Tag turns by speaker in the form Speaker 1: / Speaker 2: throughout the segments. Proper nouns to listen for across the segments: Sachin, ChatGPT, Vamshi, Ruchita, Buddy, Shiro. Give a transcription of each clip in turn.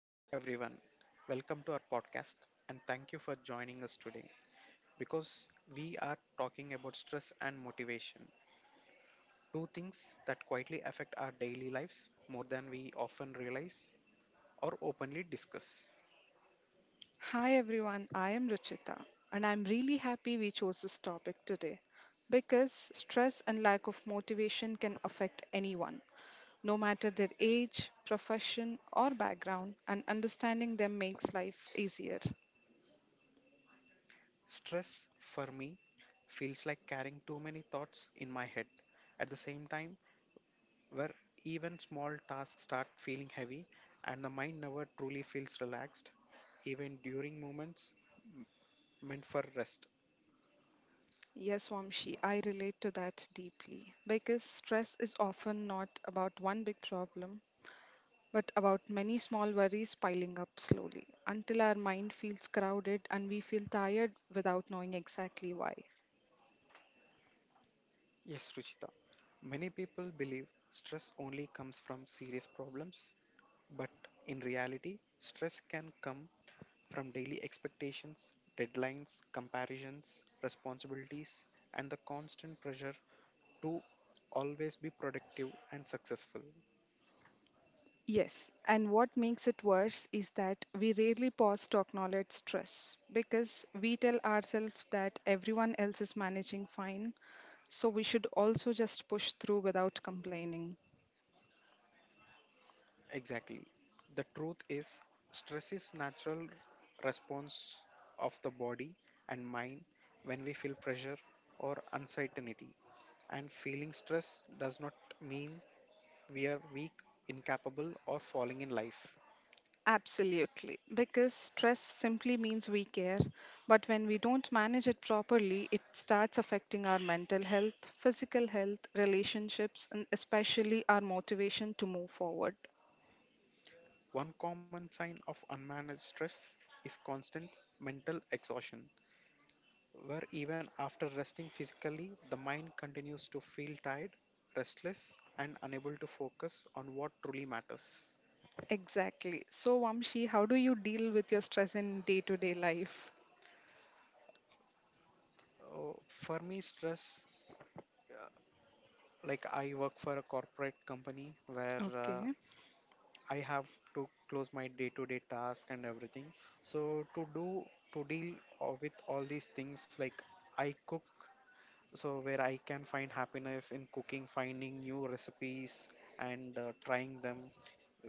Speaker 1: Hello, everyone. Welcome to our podcast and thank you for joining us today because we are talking about stress and motivation, two things that quietly affect our daily lives more than we often realize or openly discuss.
Speaker 2: Hi everyone, I am Ruchita, and I'm really happy we chose this topic today because stress and lack of motivation can affect anyone, no matter their age, profession, or background, and understanding them makes life easier.
Speaker 1: Stress, for me, feels like carrying too many thoughts in my head at the same time, where even small tasks start feeling heavy and the mind never truly feels relaxed, even during moments meant for rest.
Speaker 2: Yes, Wamshi, I relate to that deeply because stress is often not about one big problem, but about many small worries piling up slowly until our mind feels crowded and we feel tired without knowing exactly why.
Speaker 1: Yes, Ruchita. Many people believe stress only comes from serious problems, but in reality, stress can come from daily expectations, deadlines, comparisons, responsibilities, and the constant pressure to always be productive and successful.
Speaker 2: Yes, and what makes it worse is that we rarely pause to acknowledge stress because we tell ourselves that everyone else is managing fine, so we should also just push through without complaining.
Speaker 1: Exactly. The truth is, stress is natural response of the body and mind when we feel pressure or uncertainty. And feeling stress does not mean we are weak, incapable, or falling in life.
Speaker 2: Absolutely, because stress simply means we care, but when we don't manage it properly, it starts affecting our mental health, physical health, relationships, and especially our motivation to move forward.
Speaker 1: One common sign of unmanaged stress is constant mental exhaustion, where even after resting physically, the mind continues to feel tired, restless, and unable to focus on what truly matters.
Speaker 2: Exactly. So, Vamshi, how do you deal with your stress in day-to-day life?
Speaker 1: Oh, for me, stress, uh, like I work for a corporate company where
Speaker 2: Okay.
Speaker 1: I have to close my day-to-day task and everything. So to deal with all these things, like I cook, so where I can find happiness in cooking, finding new recipes and trying them.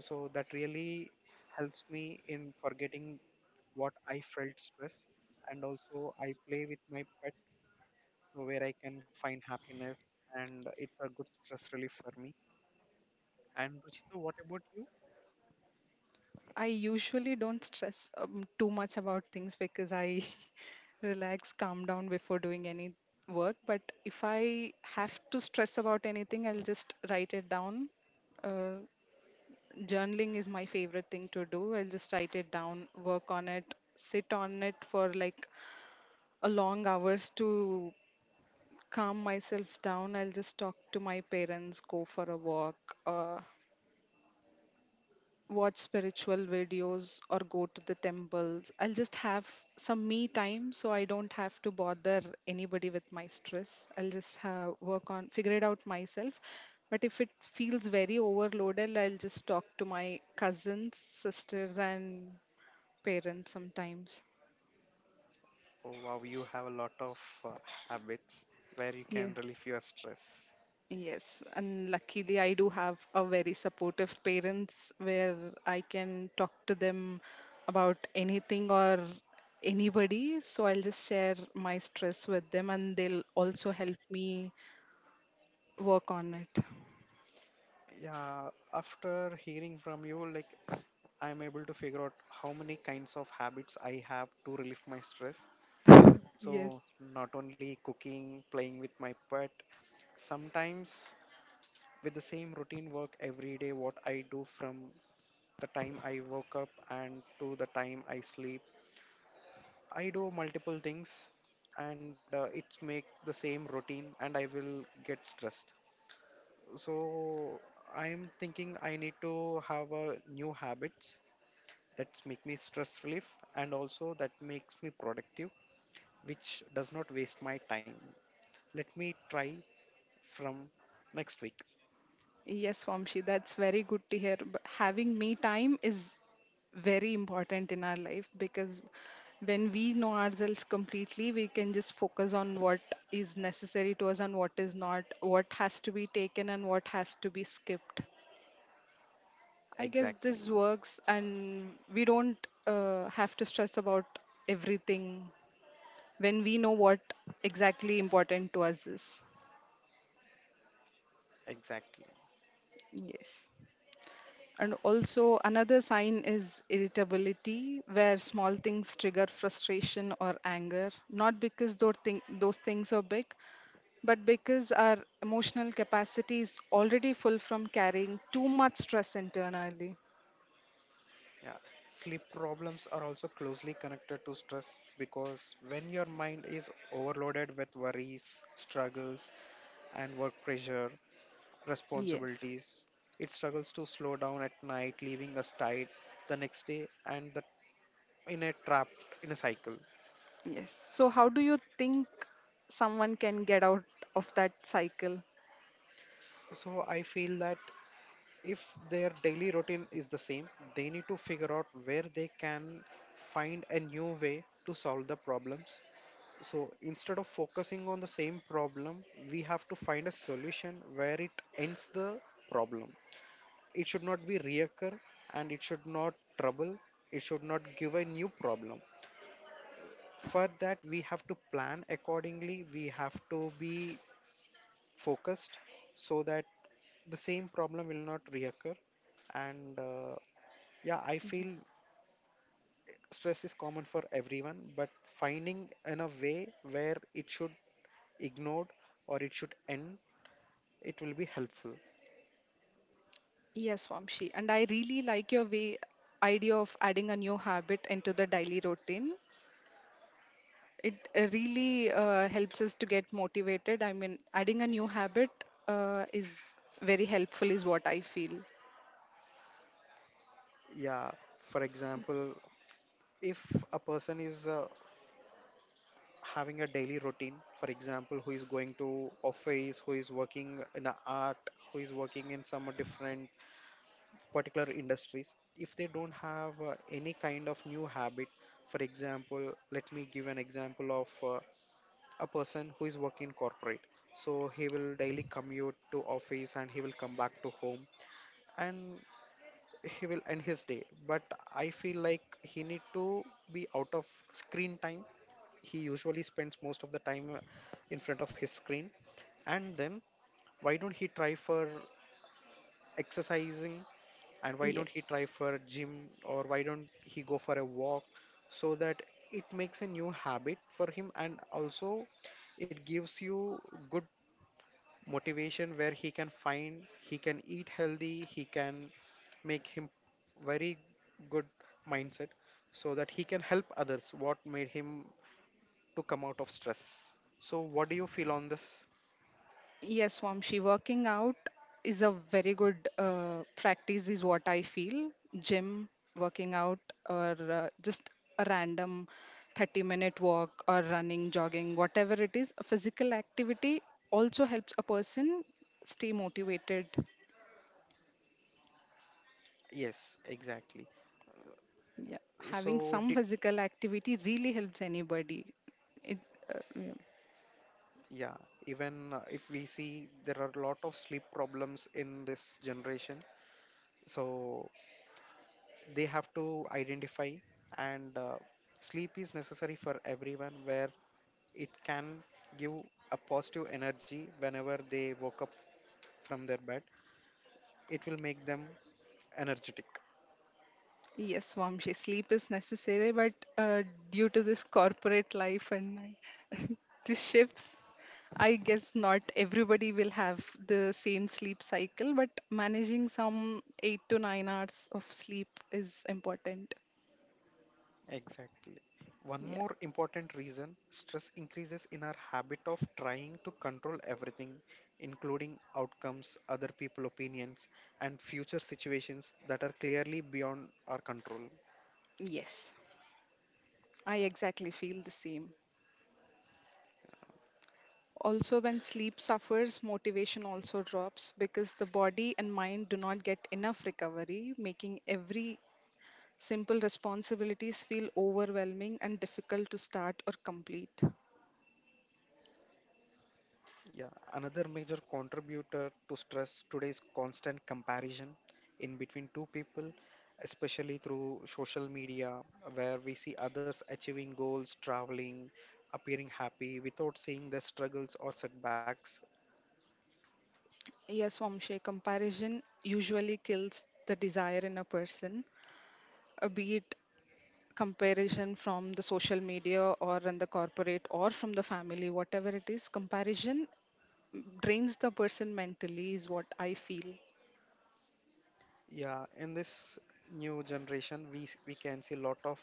Speaker 1: So that really helps me in forgetting what I felt stress, and also I play with my pet so where I can find happiness, and it's a good stress relief for me. And Ruchita, what about you?
Speaker 2: I usually don't stress too much about things because I relax, calm down before doing any work. But if I have to stress about anything, I'll just write it down. Uh, Journaling is my favorite thing to do. I'll just write it down, work on it, sit on it for like a long hours to calm myself down. I'll just talk to my parents, go for a walk, uh, watch spiritual videos, or go to the temples. I'll just have some me time so I don't have to bother anybody with my stress. I'll just work on, figure it out myself. But if it feels very overloaded, I'll just talk to my cousins, sisters, and parents sometimes.
Speaker 1: Oh wow, you have a lot of uh, habits where you can
Speaker 2: Yeah.
Speaker 1: relieve your stress.
Speaker 2: Yes, and luckily I do have a very supportive parents where I can talk to them about anything or anybody. So I'll just share my stress with them and they'll also help me work on
Speaker 1: Yeah, after hearing from you, like I'm able to figure out how many kinds of habits I have to relieve my stress.
Speaker 2: it. Yes.
Speaker 1: So, not only cooking, playing with my pet, sometimes with the same routine work every day, what I do from the time I woke up and to the time I sleep, I do multiple things and it's make the same routine and I will get stressed. So I'm thinking I need to have a new habits that make me stress relief and also that makes me productive, which does not waste my time. Let me try from next week.
Speaker 2: Yes, Vamshi, that's very good to hear. But having me time is very important in our life because when we know ourselves completely, we can just focus on what is necessary to us and what is not, what has to be taken and what has to be skipped. I guess this
Speaker 1: Exactly.
Speaker 2: works, and we don't have to stress about everything when we know what exactly important to us is.
Speaker 1: Exactly.
Speaker 2: Yes. And also, another sign is irritability, where small things trigger frustration or anger, not because those things are big, but because our emotional capacity is already full from carrying too much stress internally.
Speaker 1: Yeah. Sleep problems are also closely connected to stress because when your mind is overloaded with worries, struggles, and work pressure,
Speaker 2: Yes,
Speaker 1: responsibilities. It struggles to slow down at night, leaving us tired the next day in a trap in a cycle.
Speaker 2: yes. So, how do you think someone can get out of that cycle?
Speaker 1: So I feel that if their daily routine is the same, they need to figure out where they can find a new way to solve the problems. So instead of focusing on the same problem, we have to find a solution where it ends the problem. It should not be reoccur and it should not trouble, it should not give a new problem. For that we have to plan accordingly, we have to be focused so that the same problem will not reoccur. And yeah, I feel stress is common for everyone, but finding in a way where it should ignored or it should end, it will be helpful.
Speaker 2: Yes, Vamshi. And I really like your way idea of adding a new habit into the daily routine. It really helps us to get motivated. I mean, adding a new habit is very helpful, is what I feel.
Speaker 1: Yeah, for example, if a person is having a daily routine, for example, who is going to office, who is working in a art, who is working in some different particular industries, if they don't have any kind of new habit. For example, let me give an example of a person who is working corporate. So he will daily commute to office and he will come back to home and he will end his day, but I feel like he need to be out of screen time. He usually spends most of the time in front of his screen, and then why don't he try for exercising, and why don't he
Speaker 2: Yes.
Speaker 1: try for gym, or why don't he go for a walk, so that it makes a new habit for him and also it gives you good motivation where he can find he can eat healthy, he can make him very good mindset, so that he can help others what made him to come out of stress. So what do you feel on this?
Speaker 2: Yes, Swamshi, working out is a very good practice, is what I feel. Gym, working out, or just a random 30-minute walk, or running, jogging, whatever it is, a physical activity also helps a person stay motivated.
Speaker 1: Yes, exactly.
Speaker 2: Yeah, having
Speaker 1: So
Speaker 2: some
Speaker 1: did
Speaker 2: physical activity really helps anybody. It, yeah.
Speaker 1: Yeah, even if we see there are a lot of sleep problems in this generation, so they have to identify, and sleep is necessary for everyone where it can give a positive energy whenever they woke up from their bed. It will make them energetic.
Speaker 2: Yes, Vamshi, sleep is necessary, but uh, due to this corporate life and these shifts, I guess not everybody will have the same sleep cycle, but managing some 8 to 9 hours of sleep is important.
Speaker 1: Exactly. One
Speaker 2: Yeah,
Speaker 1: more important reason stress increases in our habit of trying to control everything, including outcomes, other people opinions, and future situations that are clearly beyond our control.
Speaker 2: yes, I exactly feel the same. Also, when sleep suffers, motivation also drops because the body and mind do not get enough recovery, making every simple responsibilities feel overwhelming and difficult to start or complete.
Speaker 1: Yeah, another major contributor to stress today is constant comparison in between two people, especially through social media, where we see others achieving goals, traveling, appearing happy without seeing their struggles or setbacks.
Speaker 2: Yes, Vamshe, comparison usually kills the desire in a person, be it comparison from the social media or in the corporate or from the family, whatever it is, comparison drains the person mentally, is what I feel.
Speaker 1: Yeah, in this new generation, we can see a lot of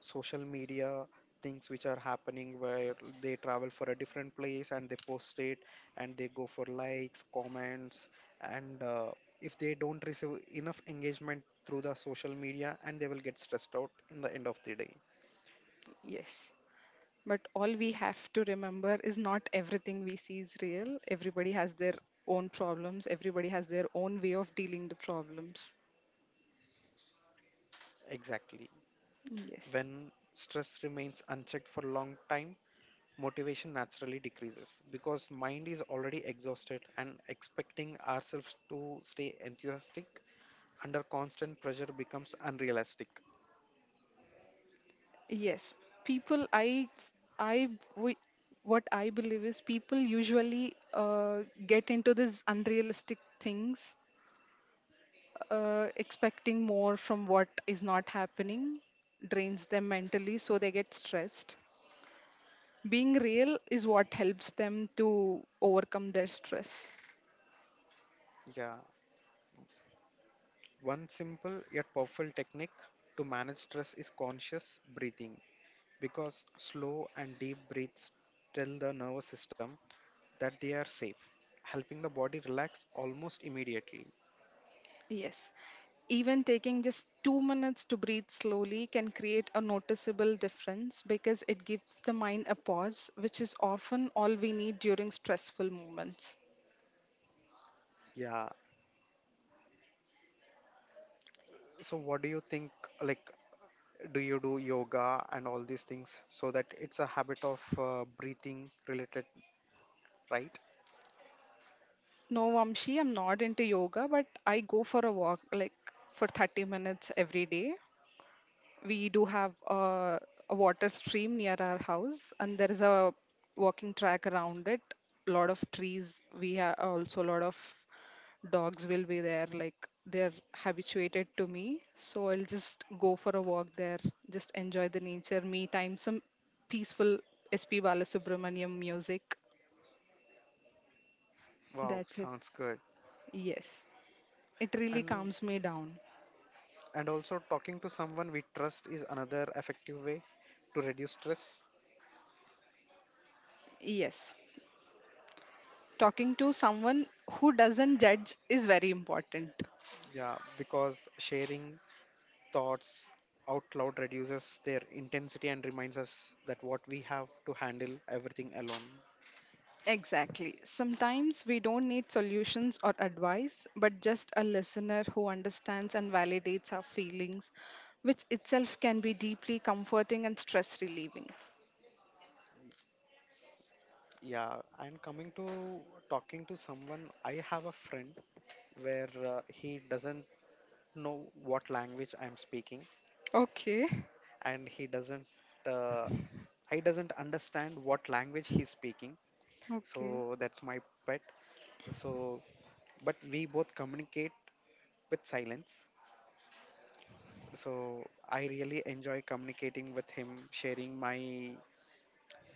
Speaker 1: social media things which are happening where they travel for a different place and they post it and they go for likes, comments, and if they don't receive enough engagement through the social media, and they will get stressed out in the end of the day.
Speaker 2: Yes. But all we have to remember is not everything we see is real. Everybody has their own problems, everybody has their own way of dealing the problems.
Speaker 1: Exactly.
Speaker 2: Yes.
Speaker 1: When stress remains unchecked for a long time, motivation naturally decreases because mind is already exhausted and expecting ourselves to stay enthusiastic under constant pressure becomes unrealistic.
Speaker 2: Yes, people I we, what I believe is people usually get into these unrealistic things, expecting more from what is not happening, drains them mentally, so they get stressed. Being real is what helps them to overcome their stress.
Speaker 1: Yeah, one simple yet powerful technique to manage stress is conscious breathing because slow and deep breaths tell the nervous system that they are safe, helping the body relax almost immediately.
Speaker 2: Yes. Even taking just 2 minutes to breathe slowly can create a noticeable difference because it gives the mind a pause, which is often all we need during stressful moments.
Speaker 1: Yeah, so what do you think, like, do you do yoga and all these things, so that it's a habit of breathing related, right?
Speaker 2: No, Vamshi, I'm not into yoga, but I go for a walk like for 30 minutes every day. We do have a water stream near our house and there is a walking track around it. A lot of trees we have, also a lot of dogs will be there, like they're habituated to me, so I'll just go for a walk there, just enjoy the nature, me time, some peaceful sp balasubramaniam music.
Speaker 1: Wow,
Speaker 2: That's it.
Speaker 1: sounds good.
Speaker 2: Yes, it really
Speaker 1: and
Speaker 2: calms me down.
Speaker 1: and also, talking to someone we trust is another effective way to reduce stress.
Speaker 2: Yes, talking to someone who doesn't judge is very important.
Speaker 1: Yeah, because sharing thoughts out loud reduces their intensity and reminds us that what we have to handle everything alone.
Speaker 2: Exactly. Sometimes we don't need solutions or advice, but just a listener who understands and validates our feelings, which itself can be deeply comforting and stress relieving.
Speaker 1: Yeah, and coming to talking to someone, I have a friend where he doesn't know what language I'm speaking,
Speaker 2: Okay,
Speaker 1: and he doesn't, uh, I doesn't understand what language he's speaking.
Speaker 2: okay.
Speaker 1: So that's my pet. So, but we both communicate with silence. So I really enjoy communicating with him, sharing my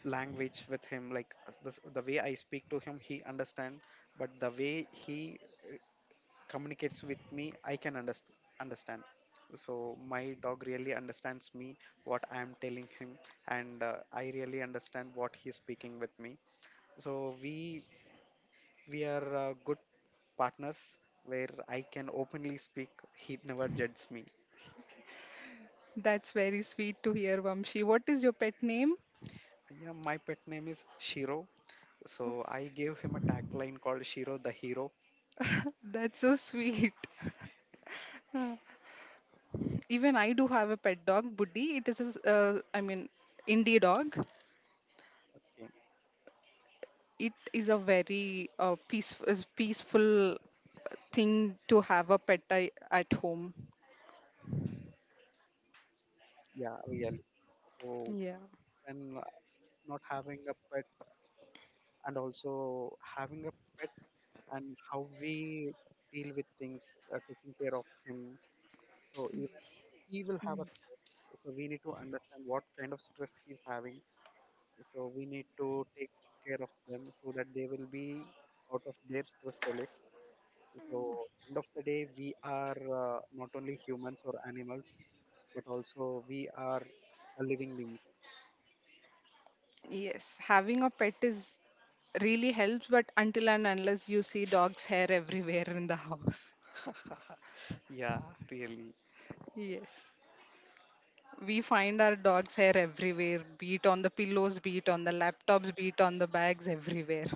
Speaker 1: language with him, like the way I speak to him he understand, but the way he communicates with me I can understand. So my dog really understands me what I am telling him, and I really understand what he's speaking with me. So we are good partners where I can openly speak. He never judges me.
Speaker 2: That's very sweet to hear, Vamshi. What is your pet name?
Speaker 1: Yeah, my pet name is Shiro. So I gave him a tagline called Shiro the Hero.
Speaker 2: That's so sweet. Even I do have a pet dog, Buddy. It is a, I mean, indie dog.
Speaker 1: Okay.
Speaker 2: It is a very peaceful thing to have a pet I, at home.
Speaker 1: Yeah, really. So
Speaker 2: Yeah.
Speaker 1: when not having a pet and also having a pet and how we deal with things, taking care of him. So even he will have a stress. So we need to understand what kind of stress he's having, so we need to take care of them so that they will be out of their stress relief. So end of the day, we are not only humans or animals, but also we are a living being.
Speaker 2: Yes, having a pet is really helps, but until and unless you see dog's hair everywhere in the house.
Speaker 1: Yeah, really.
Speaker 2: Yes. We find our dog's hair everywhere, be it on the pillows, be it on the laptops, be it on the bags, everywhere.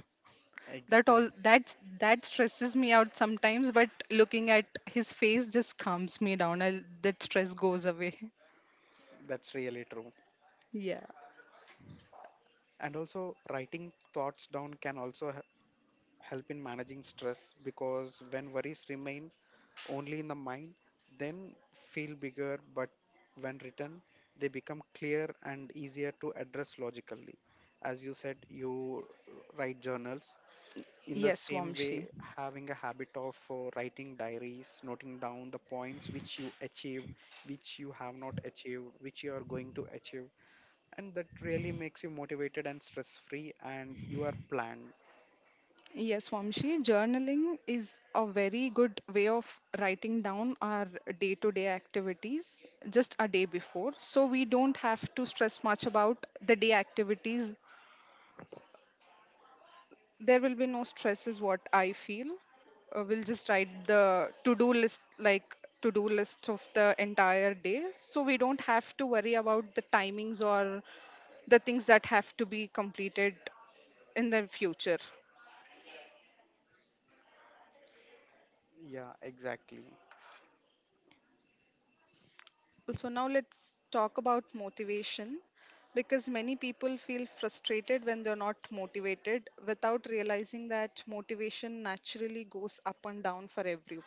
Speaker 2: That
Speaker 1: Exact
Speaker 2: all that that stresses me out sometimes, but looking at his face just calms me down. I that stress goes away.
Speaker 1: That's really true.
Speaker 2: Yeah.
Speaker 1: And also, writing thoughts down can also help in managing stress because when worries remain only in the mind, then feel bigger, but when written, they become clear and easier to address logically. As you said, you write journals. In the
Speaker 2: Yes,
Speaker 1: same
Speaker 2: Vamshi.
Speaker 1: way, having a habit of writing diaries, noting down the points which you achieved, which you have not achieved, which you are going to achieve, and that really makes you motivated and stress free, and you are planned.
Speaker 2: Yes, Vamshi, journaling is a very good way of writing down our day to day activities just a day before. So we don't have to stress much about the day activities. There will be no stress, is what I feel. We'll just write the to do list, like to do list of the entire day. So we don't have to worry about the timings or the things that have to be completed in the future.
Speaker 1: Yeah, exactly.
Speaker 2: So now let's talk about motivation because many people feel frustrated when they're not motivated without realizing that motivation naturally goes up and down for everyone.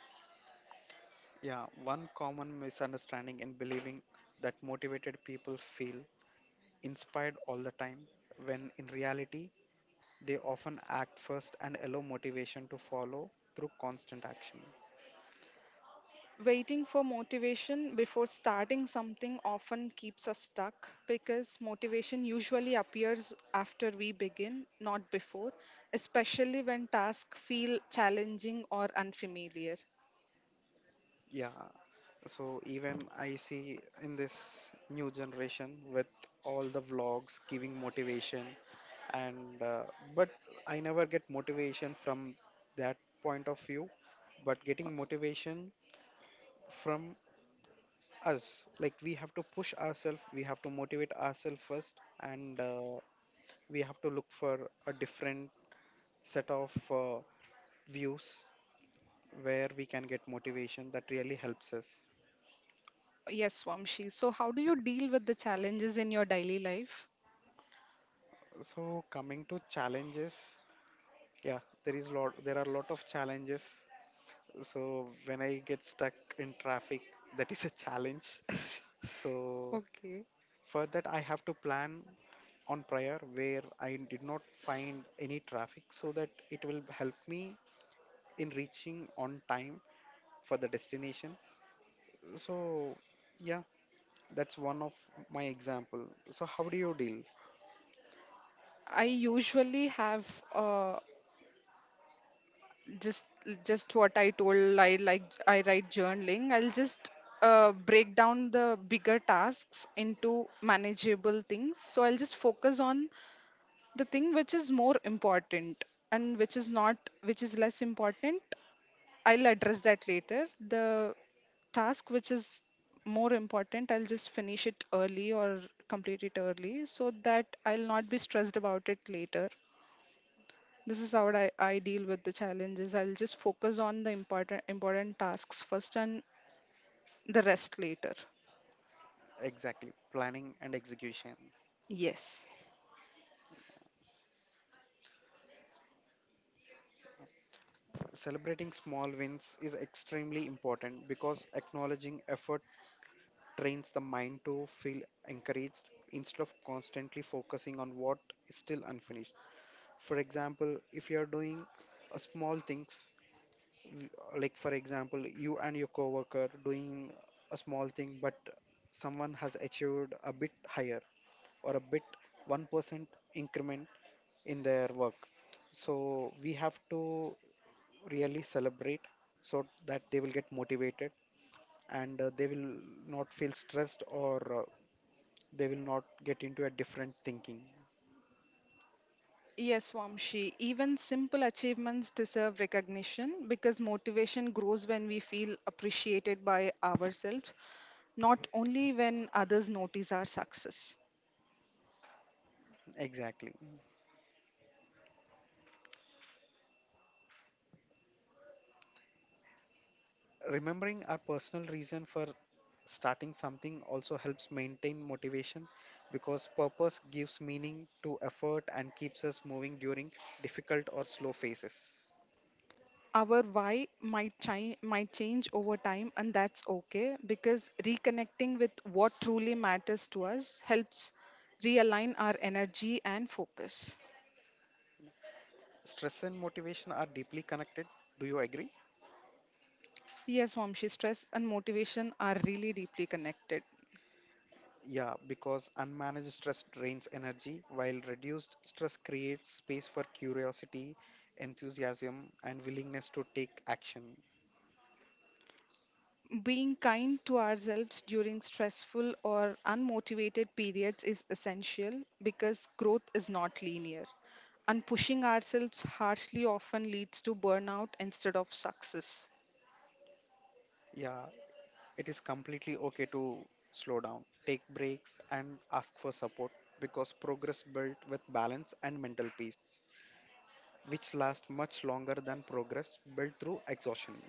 Speaker 1: Yeah, one common misunderstanding in believing that motivated people feel inspired all the time, when in reality, they often act first and allow motivation to follow through constant action.
Speaker 2: Waiting for motivation before starting something often keeps us stuck because motivation usually appears after we begin, not before, especially when tasks feel challenging or unfamiliar.
Speaker 1: Yeah, so even I see in this new generation with all the vlogs giving motivation, and but I never get motivation from that point of view, but getting motivation from us, like we have to push ourselves, we have to motivate ourselves first, and we have to look for a different set of views where we can get motivation that really helps us.
Speaker 2: Yes, Vamshi. So, how do you deal with the challenges in your daily life?
Speaker 1: So coming to challenges, yeah, there are a lot of challenges. So when I get stuck in traffic that is a challenge. So
Speaker 2: Okay.
Speaker 1: for that I have to plan on prior where I did not find any traffic so that it will help me in reaching on time for the destination. So, yeah, that's one of my example. So, how do you deal?
Speaker 2: I usually have uh just just what I told I like I write journaling. I'll just break down the bigger tasks into manageable things. So I'll just focus on the thing which is more important and which is not which is less important. I'll address that later. The task which is more important, I'll just finish it early or complete it early so that I'll not be stressed about it later. This is how I deal with the challenges. I'll just focus on the important tasks first and the rest later.
Speaker 1: Exactly? Planning and execution.
Speaker 2: Yes.
Speaker 1: Celebrating small wins is extremely important because acknowledging effort trains the mind to feel encouraged instead of constantly focusing on what is still unfinished. For example, if you are doing a small things Y- like for example you and your coworker doing a small thing, but someone has achieved a bit higher or a bit 1% increment in their work. So we have to really celebrate so that they will get motivated, and they will not feel stressed or uh, they will not get into a different thinking.
Speaker 2: Yes, Vamshi. Even simple achievements deserve recognition because motivation grows when we feel appreciated by ourselves, not only when others notice our success.
Speaker 1: Exactly. Remembering our personal reason for starting something also helps maintain motivation because purpose gives meaning to effort and keeps us moving during difficult or slow phases.
Speaker 2: Our why might change over time and that's okay because reconnecting with what truly matters to us helps realign our energy and focus.
Speaker 1: Stress and motivation are deeply connected. Do you agree?
Speaker 2: Yes Vamshi, stress and motivation are really deeply connected.
Speaker 1: Yeah, because unmanaged stress drains energy, while reduced stress creates space for curiosity, enthusiasm, and willingness to take action.
Speaker 2: Being kind to ourselves during stressful or unmotivated periods is essential because growth is not linear and pushing ourselves harshly often leads to burnout instead of success.
Speaker 1: Yeah, it is completely okay to slow down, take breaks, and ask for support because progress built with balance and mental peace, which lasts much longer than progress built through exhaustion.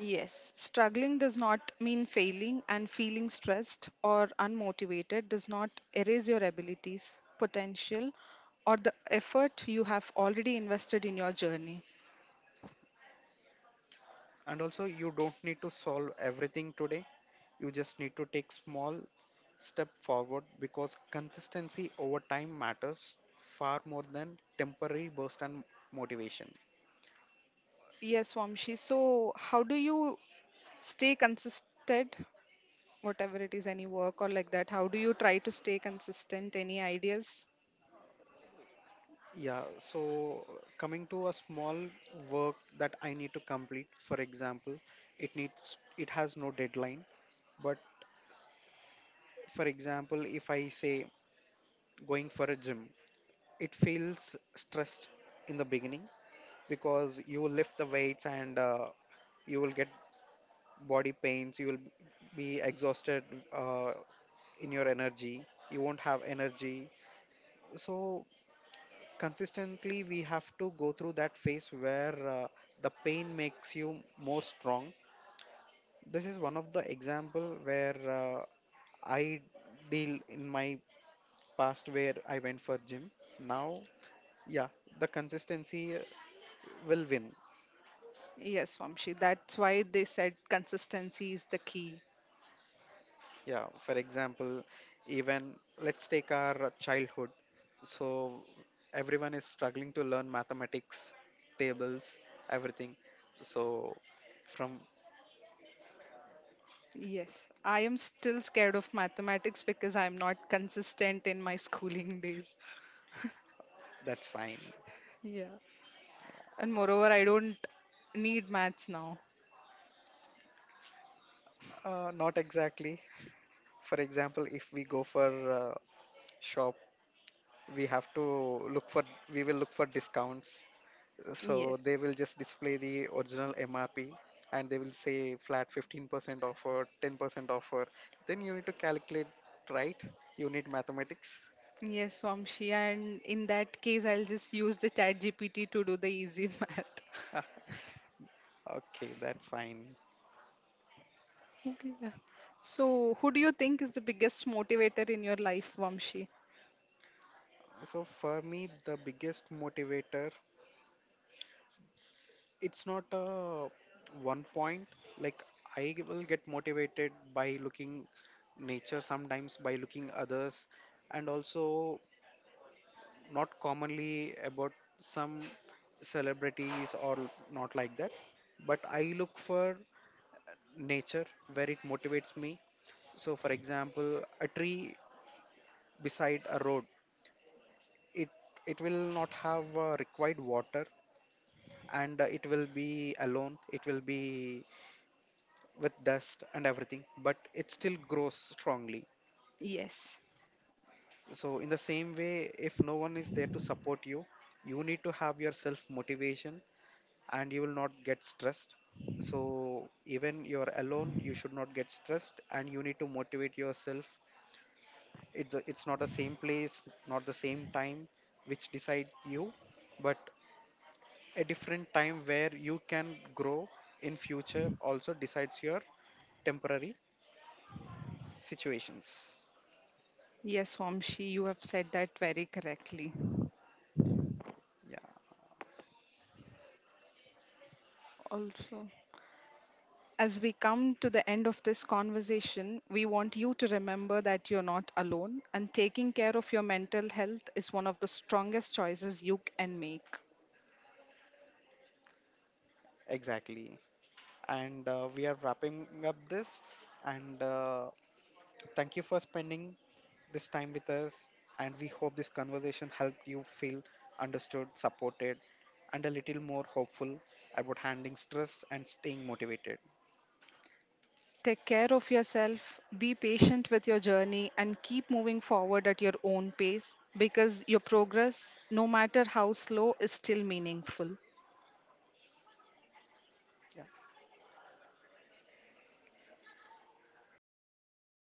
Speaker 2: Yes, struggling does not mean failing, and feeling stressed or unmotivated does not erase your abilities, potential, or the effort you have already invested in your journey.
Speaker 1: And also, you don't need to solve everything today, you just need to take small step forward because consistency over time matters far more than temporary burst and motivation.
Speaker 2: Yes, Vamshi. So, how do you stay consistent, whatever it is, any work or like that? How do you try to stay consistent? Any ideas?
Speaker 1: Yeah, so coming to a small work that I need to complete, for example, it has no deadline, but for example, if I say going for a gym, it feels stressed in the beginning because you will lift the weights and you will get body pains, you will be exhausted uh, in your energy, you won't have energy. So consistently we have to go through that phase where the pain makes you more strong. This is one of the example where I deal in my past where I went for gym now. Yeah, the consistency will win.
Speaker 2: Yes, Vamshi. That's why they said consistency is the key.
Speaker 1: Yeah, for example, even let's take our childhood. So everyone is struggling to learn mathematics tables, everything. So from.
Speaker 2: Yes, I am still scared of mathematics because I'm not consistent in my schooling days.
Speaker 1: That's fine.
Speaker 2: Yeah. And moreover, I don't need maths now.
Speaker 1: Not exactly. For example, if we go for shop, we have to look for, we will look for discounts.
Speaker 2: Yes.
Speaker 1: So they will just display the original MRP, and they will say flat 15% offer, 10% offer. Then you need to calculate, right? You need mathematics.
Speaker 2: Yes, Vamshi. And in that case, I'll just use the chat GPT to do the easy math.
Speaker 1: Okay, that's fine.
Speaker 2: Okay. Yeah. So, who do you think is the biggest motivator in your life, Vamshi?
Speaker 1: So for me, the biggest motivator, it's not a one point, like I will get motivated by looking nature, sometimes by looking others, and also not commonly about some celebrities or not like that, but I look for nature where it motivates me. So for example a tree beside a road, it it will not have required water, and it will be alone, it will be with dust and everything, but it still grows strongly.
Speaker 2: Yes.
Speaker 1: So, in the same way, if no one is there to support you, you need to have your self motivation, and you will not get stressed. So, even you're alone, you should not get stressed and you need to motivate yourself. It's not the same place, not the same time which decide you, but a different time where you can grow in future also decides your temporary situations.
Speaker 2: Yes, Vamshi, you have said that very correctly.
Speaker 1: Yeah.
Speaker 2: Also, as we come to the end of this conversation, we want you to remember that you're not alone and taking care of your mental health is one of the strongest choices you can make.
Speaker 1: Exactly. And we are wrapping up this. And thank you for spending this time with us. And we hope this conversation helped you feel understood, supported, and a little more hopeful about handling stress and staying motivated.
Speaker 2: Take care of yourself, be patient with your journey, and keep moving forward at your own pace because your progress, no matter how slow, is still meaningful.
Speaker 1: Yeah.